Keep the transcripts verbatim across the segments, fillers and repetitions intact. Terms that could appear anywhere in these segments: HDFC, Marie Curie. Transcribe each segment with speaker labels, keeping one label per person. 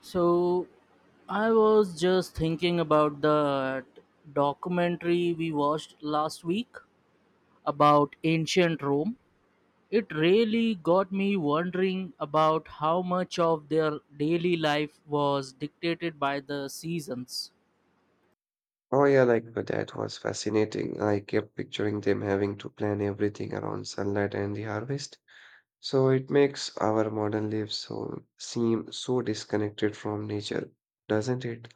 Speaker 1: So I was just thinking about the documentary we watched last week about ancient Rome. It really got me wondering about how much of their daily life was dictated by the seasons.
Speaker 2: Oh yeah, like uh, that was fascinating. I kept picturing them having to plan everything around sunlight and the harvest. So it makes our modern lives so seem so disconnected from nature, doesn't it?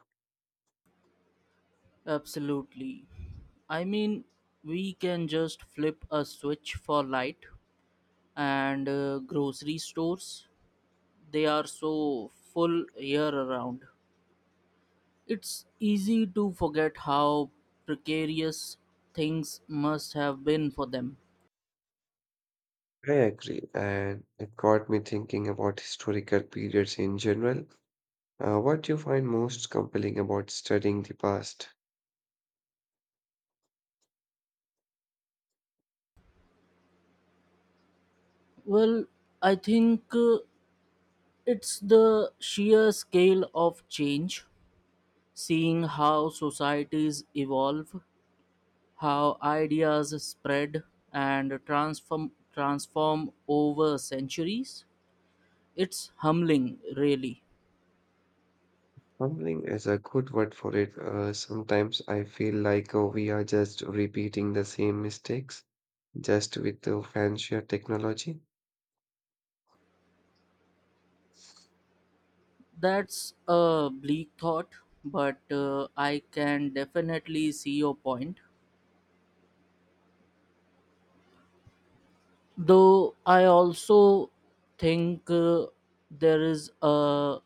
Speaker 1: Absolutely. I mean, we can just flip a switch for light and uh, grocery stores. They are so full year around. It's easy to forget how precarious things must have been for them.
Speaker 2: I agree, and it got me thinking about historical periods in general. Uh, what do you find most compelling about studying the past?
Speaker 1: Well, I think uh, it's the sheer scale of change, seeing how societies evolve, how ideas spread and transform transform over centuries. It's humbling, really.
Speaker 2: Compelling is a good word for it. Uh, sometimes I feel like uh, we are just repeating the same mistakes just with the fancier technology.
Speaker 1: That's a bleak thought, but uh, I can definitely see your point. Though I also think uh, there is a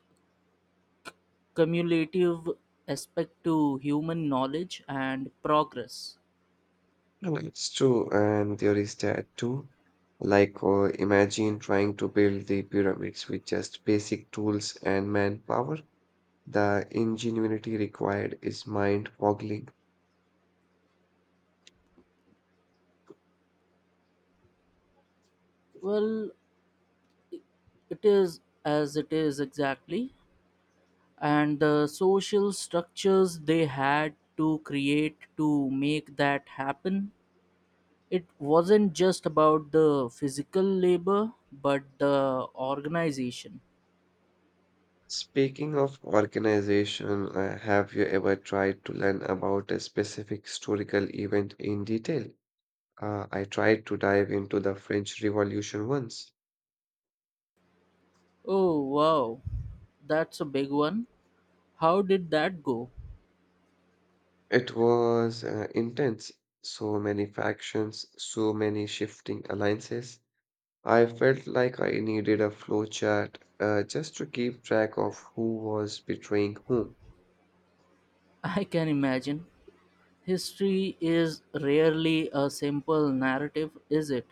Speaker 1: cumulative aspect to human knowledge and progress.
Speaker 2: No, it's true, and there is that too. Like, uh, imagine trying to build the pyramids with just basic tools and manpower. The ingenuity required is mind-boggling.
Speaker 1: Well, it is as it is exactly, and the social structures they had to create to make that happen. It wasn't just about the physical labor, but the organization.
Speaker 2: Speaking of organization, uh, have you ever tried to learn about a specific historical event in detail? Uh, I tried to dive into the French Revolution once.
Speaker 1: Oh, wow, that's a big one. How did that go?
Speaker 2: It was uh, intense. So many factions, so many shifting alliances. I felt like I needed a flowchart uh, just to keep track of who was betraying whom. Uh,
Speaker 1: I can imagine. History is rarely a simple narrative, is it?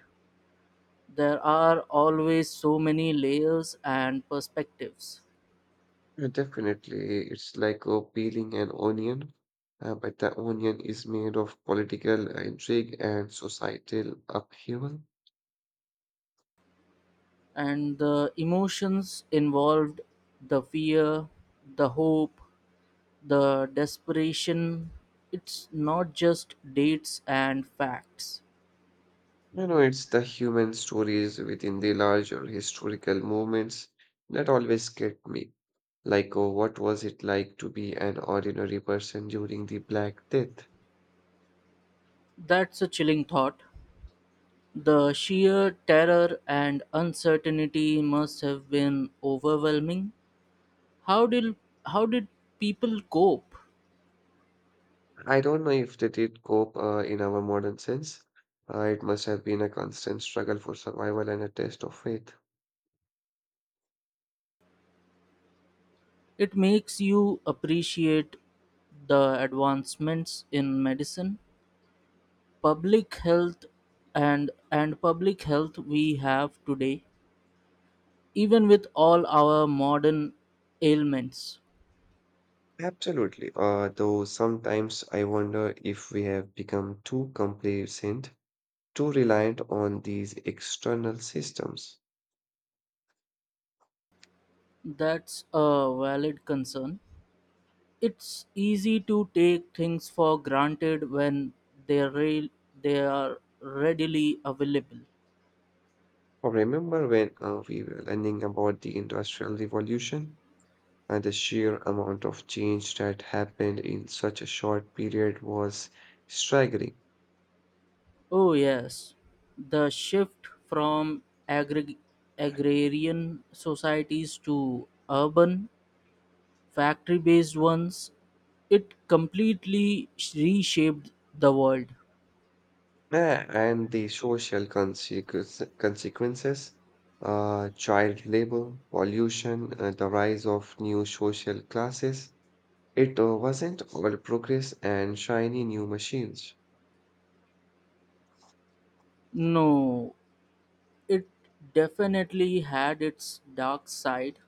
Speaker 1: There are always so many layers and perspectives,
Speaker 2: Definitely, it's like uh, peeling an onion, uh, but the onion is made of political intrigue and societal upheaval.
Speaker 1: and the emotions involved, the fear, the hope, the desperation. It's not just dates and facts.
Speaker 2: You know, it's the human stories within the larger historical movements that always get me. Like, oh, what was it like to be an ordinary person during the Black Death?
Speaker 1: That's a chilling thought. The sheer terror and uncertainty must have been overwhelming. How did how did people cope?
Speaker 2: I don't know if they did cope uh, in our modern sense. Uh, it must have been a constant struggle for survival and a test of faith.
Speaker 1: It makes you appreciate the advancements in medicine, public health, and and public health we have today, even with all our modern ailments.
Speaker 2: Absolutely. Uh, though sometimes I wonder if we have become too complacent, too reliant on these external systems.
Speaker 1: That's a valid concern. It's easy to take things for granted when they are they are readily available.
Speaker 2: Well, remember when uh, we were learning about the Industrial Revolution? And the sheer amount of change that happened in such a short period was staggering.
Speaker 1: Oh, yes. The shift from agri- agrarian societies to urban, factory based ones, it completely reshaped the world.
Speaker 2: Yeah, and the social consequence, consequences, uh, child labor, pollution, uh, the rise of new social classes. It uh, wasn't all progress and shiny new machines.
Speaker 1: No, it definitely had its dark side,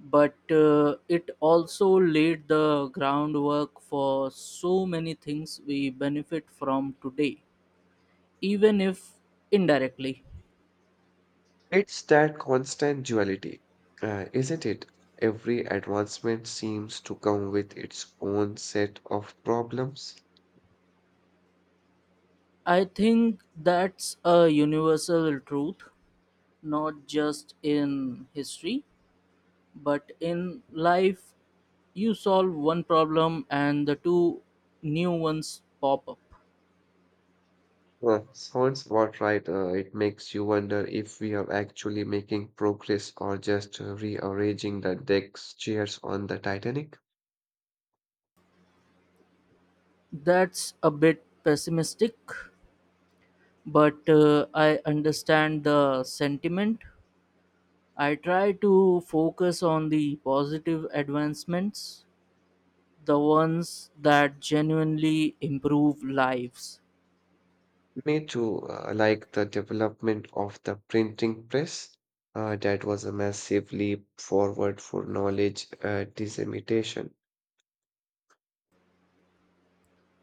Speaker 1: but uh, it also laid the groundwork for so many things we benefit from today, even if indirectly.
Speaker 2: It's that constant duality, uh, isn't it? Every advancement seems to come with its own set of problems.
Speaker 1: I think that's a universal truth, not just in history, but in life. You solve one problem and the two new ones pop up.
Speaker 2: Well, sounds about right. Uh, it makes you wonder if we are actually making progress or just uh, rearranging the deck's chairs on the Titanic.
Speaker 1: That's a bit pessimistic, but uh, I understand the sentiment. I try to focus on the positive advancements, the ones that genuinely improve lives.
Speaker 2: Me too, uh, like the development of the printing press. Uh, that was a massive leap forward for knowledge uh, dissemination.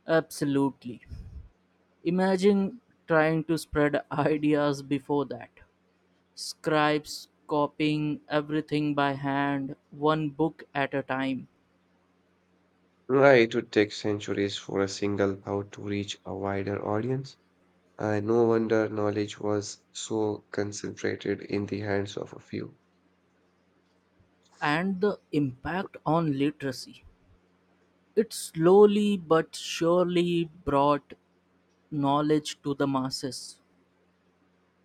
Speaker 1: Absolutely. Imagine trying to spread ideas before that. Scribes copying everything by hand, one book at a time,
Speaker 2: Right, it would take centuries for a single thought to reach a wider audience. And no wonder knowledge was so concentrated in the hands of a few.
Speaker 1: and the impact on literacy. It slowly but surely brought knowledge to the masses.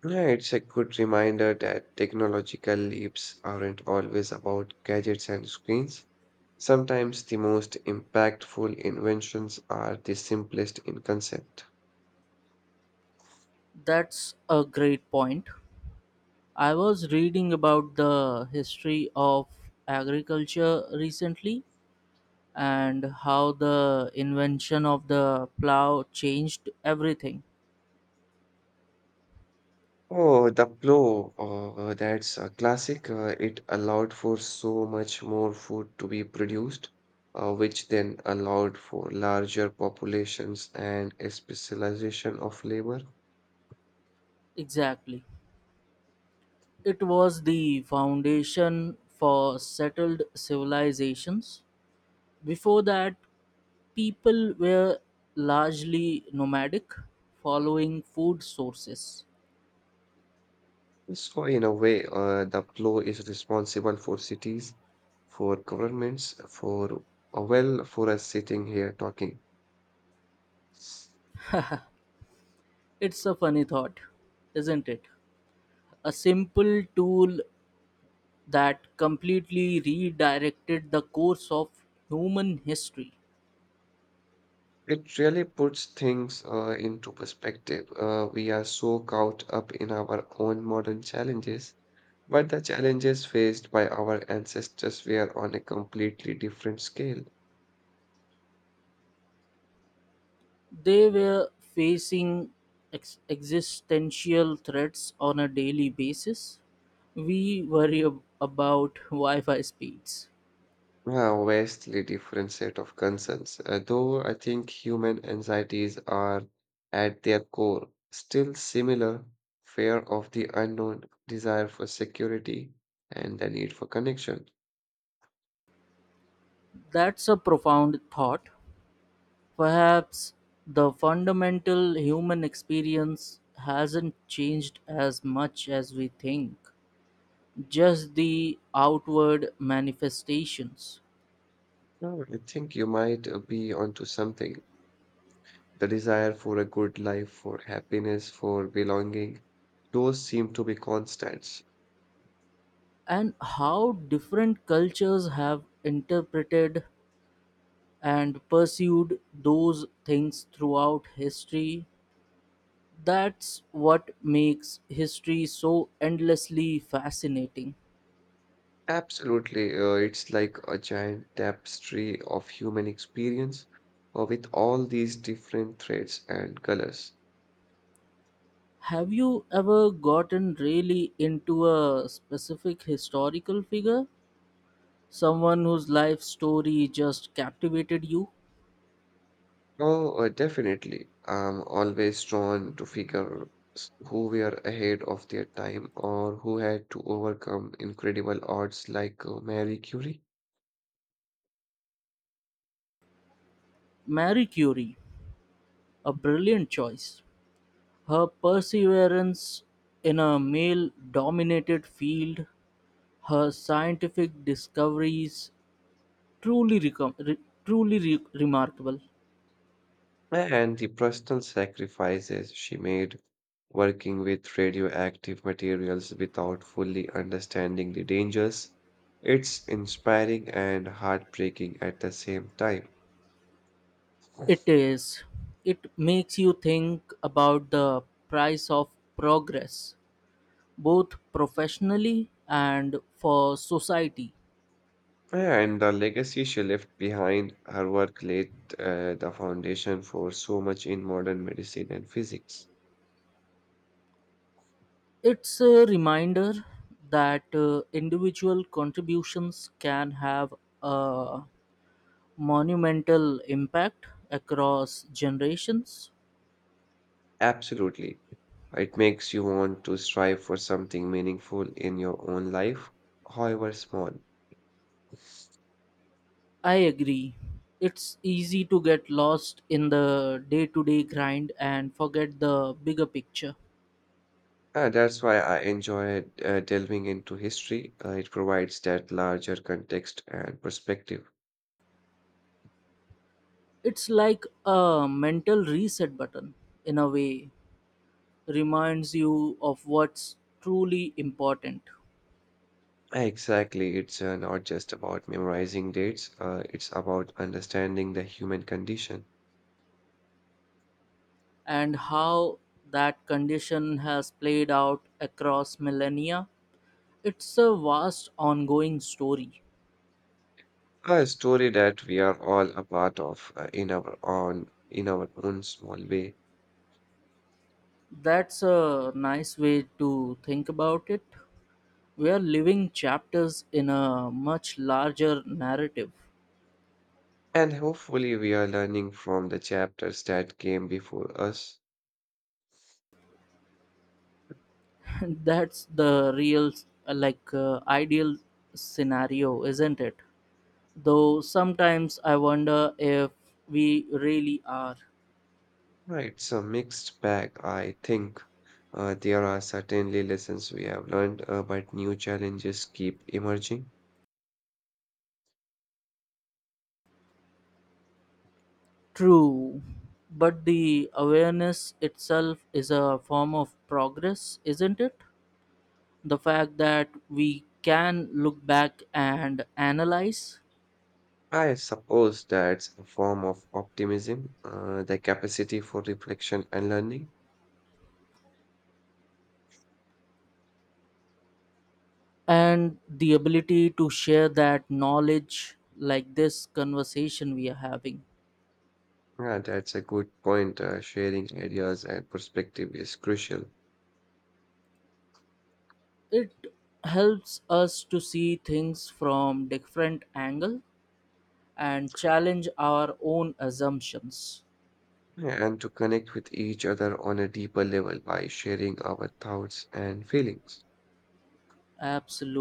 Speaker 2: Yeah, it's a good reminder that technological leaps aren't always about gadgets and screens. Sometimes the most impactful inventions are the simplest in concept.
Speaker 1: That's a great point. I was reading about the history of agriculture recently and how the invention of the plow changed everything.
Speaker 2: Oh, the plow, uh, uh, that's a classic. Uh, it allowed for so much more food to be produced, uh, which then allowed for larger populations and a specialization of labor.
Speaker 1: Exactly. It was the foundation for settled civilizations. Before that, people were largely nomadic, following food sources.
Speaker 2: So, in a way, uh, the plow is responsible for cities, for governments, for, uh, well, for us sitting here talking.
Speaker 1: It's a funny thought, isn't it? A simple tool that completely redirected the course of human history.
Speaker 2: It really puts things uh, into perspective. Uh, we are so caught up in our own modern challenges, but the challenges faced by our ancestors were on a completely different scale,
Speaker 1: They were facing ex- existential threats on a daily basis. We worry ab- about Wi Fi speeds.
Speaker 2: a vastly different set of concerns. Uh, Though I think human anxieties are at their core still similar: fear of the unknown, desire for security, and the need for connection.
Speaker 1: That's a profound thought. Perhaps the fundamental human experience hasn't changed as much as we think, just the outward manifestations.
Speaker 2: Now, I think you might uh, be onto something. The desire for a good life, for happiness, for belonging, those seem to be constants.
Speaker 1: And how different cultures have interpreted and pursued those things throughout history. That's what makes history so endlessly fascinating.
Speaker 2: Absolutely. Uh, it's like a giant tapestry of human experience uh, with all these different threads and colors.
Speaker 1: Have you ever gotten really into a specific historical figure? Someone whose life story just captivated you?
Speaker 2: Oh, uh, definitely. I'm always drawn to figures who were ahead of their time or who had to overcome incredible odds like uh, Marie Curie.
Speaker 1: Marie Curie, a brilliant choice. Her perseverance in a male dominated field, her scientific discoveries, truly recom- re- truly re- remarkable.
Speaker 2: And the personal sacrifices she made, working with radioactive materials without fully understanding the dangers, it's inspiring and heartbreaking at the same time.
Speaker 1: It is. It makes you think about the price of progress, both professionally and for society.
Speaker 2: And the legacy she left behind, her work laid uh, the foundation for so much in modern medicine and physics.
Speaker 1: It's a reminder that uh, individual contributions can have a monumental impact across generations.
Speaker 2: Absolutely. It makes you want to strive for something meaningful in your own life, however small.
Speaker 1: I agree. It's easy to get lost in the day to day grind and forget the bigger picture.
Speaker 2: Uh, that's why I enjoy uh, delving into history. Uh, it provides that larger context and perspective.
Speaker 1: It's like a mental reset button, in a way, reminds you of what's truly important.
Speaker 2: Exactly, it's uh, not just about memorizing dates, uh, it's about understanding the human condition.
Speaker 1: And how that condition has played out across millennia. It's a vast ongoing story.
Speaker 2: A story that we are all a part of uh, in our own in our own small way.
Speaker 1: That's a nice way to think about it. We are living chapters in a much larger narrative.
Speaker 2: And hopefully we are learning from the chapters that came before us.
Speaker 1: That's the real, uh, like, uh, ideal scenario, isn't it? Though sometimes I wonder if we really are.
Speaker 2: Right, it's a mixed bag, I think. Uh, there are certainly lessons we have learned, uh, but new challenges keep emerging.
Speaker 1: True. But the awareness itself is a form of progress, isn't it? The fact that we can look back and analyze.
Speaker 2: I suppose that's a form of optimism, uh, the capacity for reflection and learning.
Speaker 1: And the ability to share that knowledge, like this conversation we are having.
Speaker 2: Yeah, that's a good point. Uh, sharing ideas and perspective is crucial.
Speaker 1: It helps us to see things from different angle and challenge our own assumptions.
Speaker 2: Yeah, and to connect with each other on a deeper level by sharing our thoughts and feelings.
Speaker 1: Absolutely.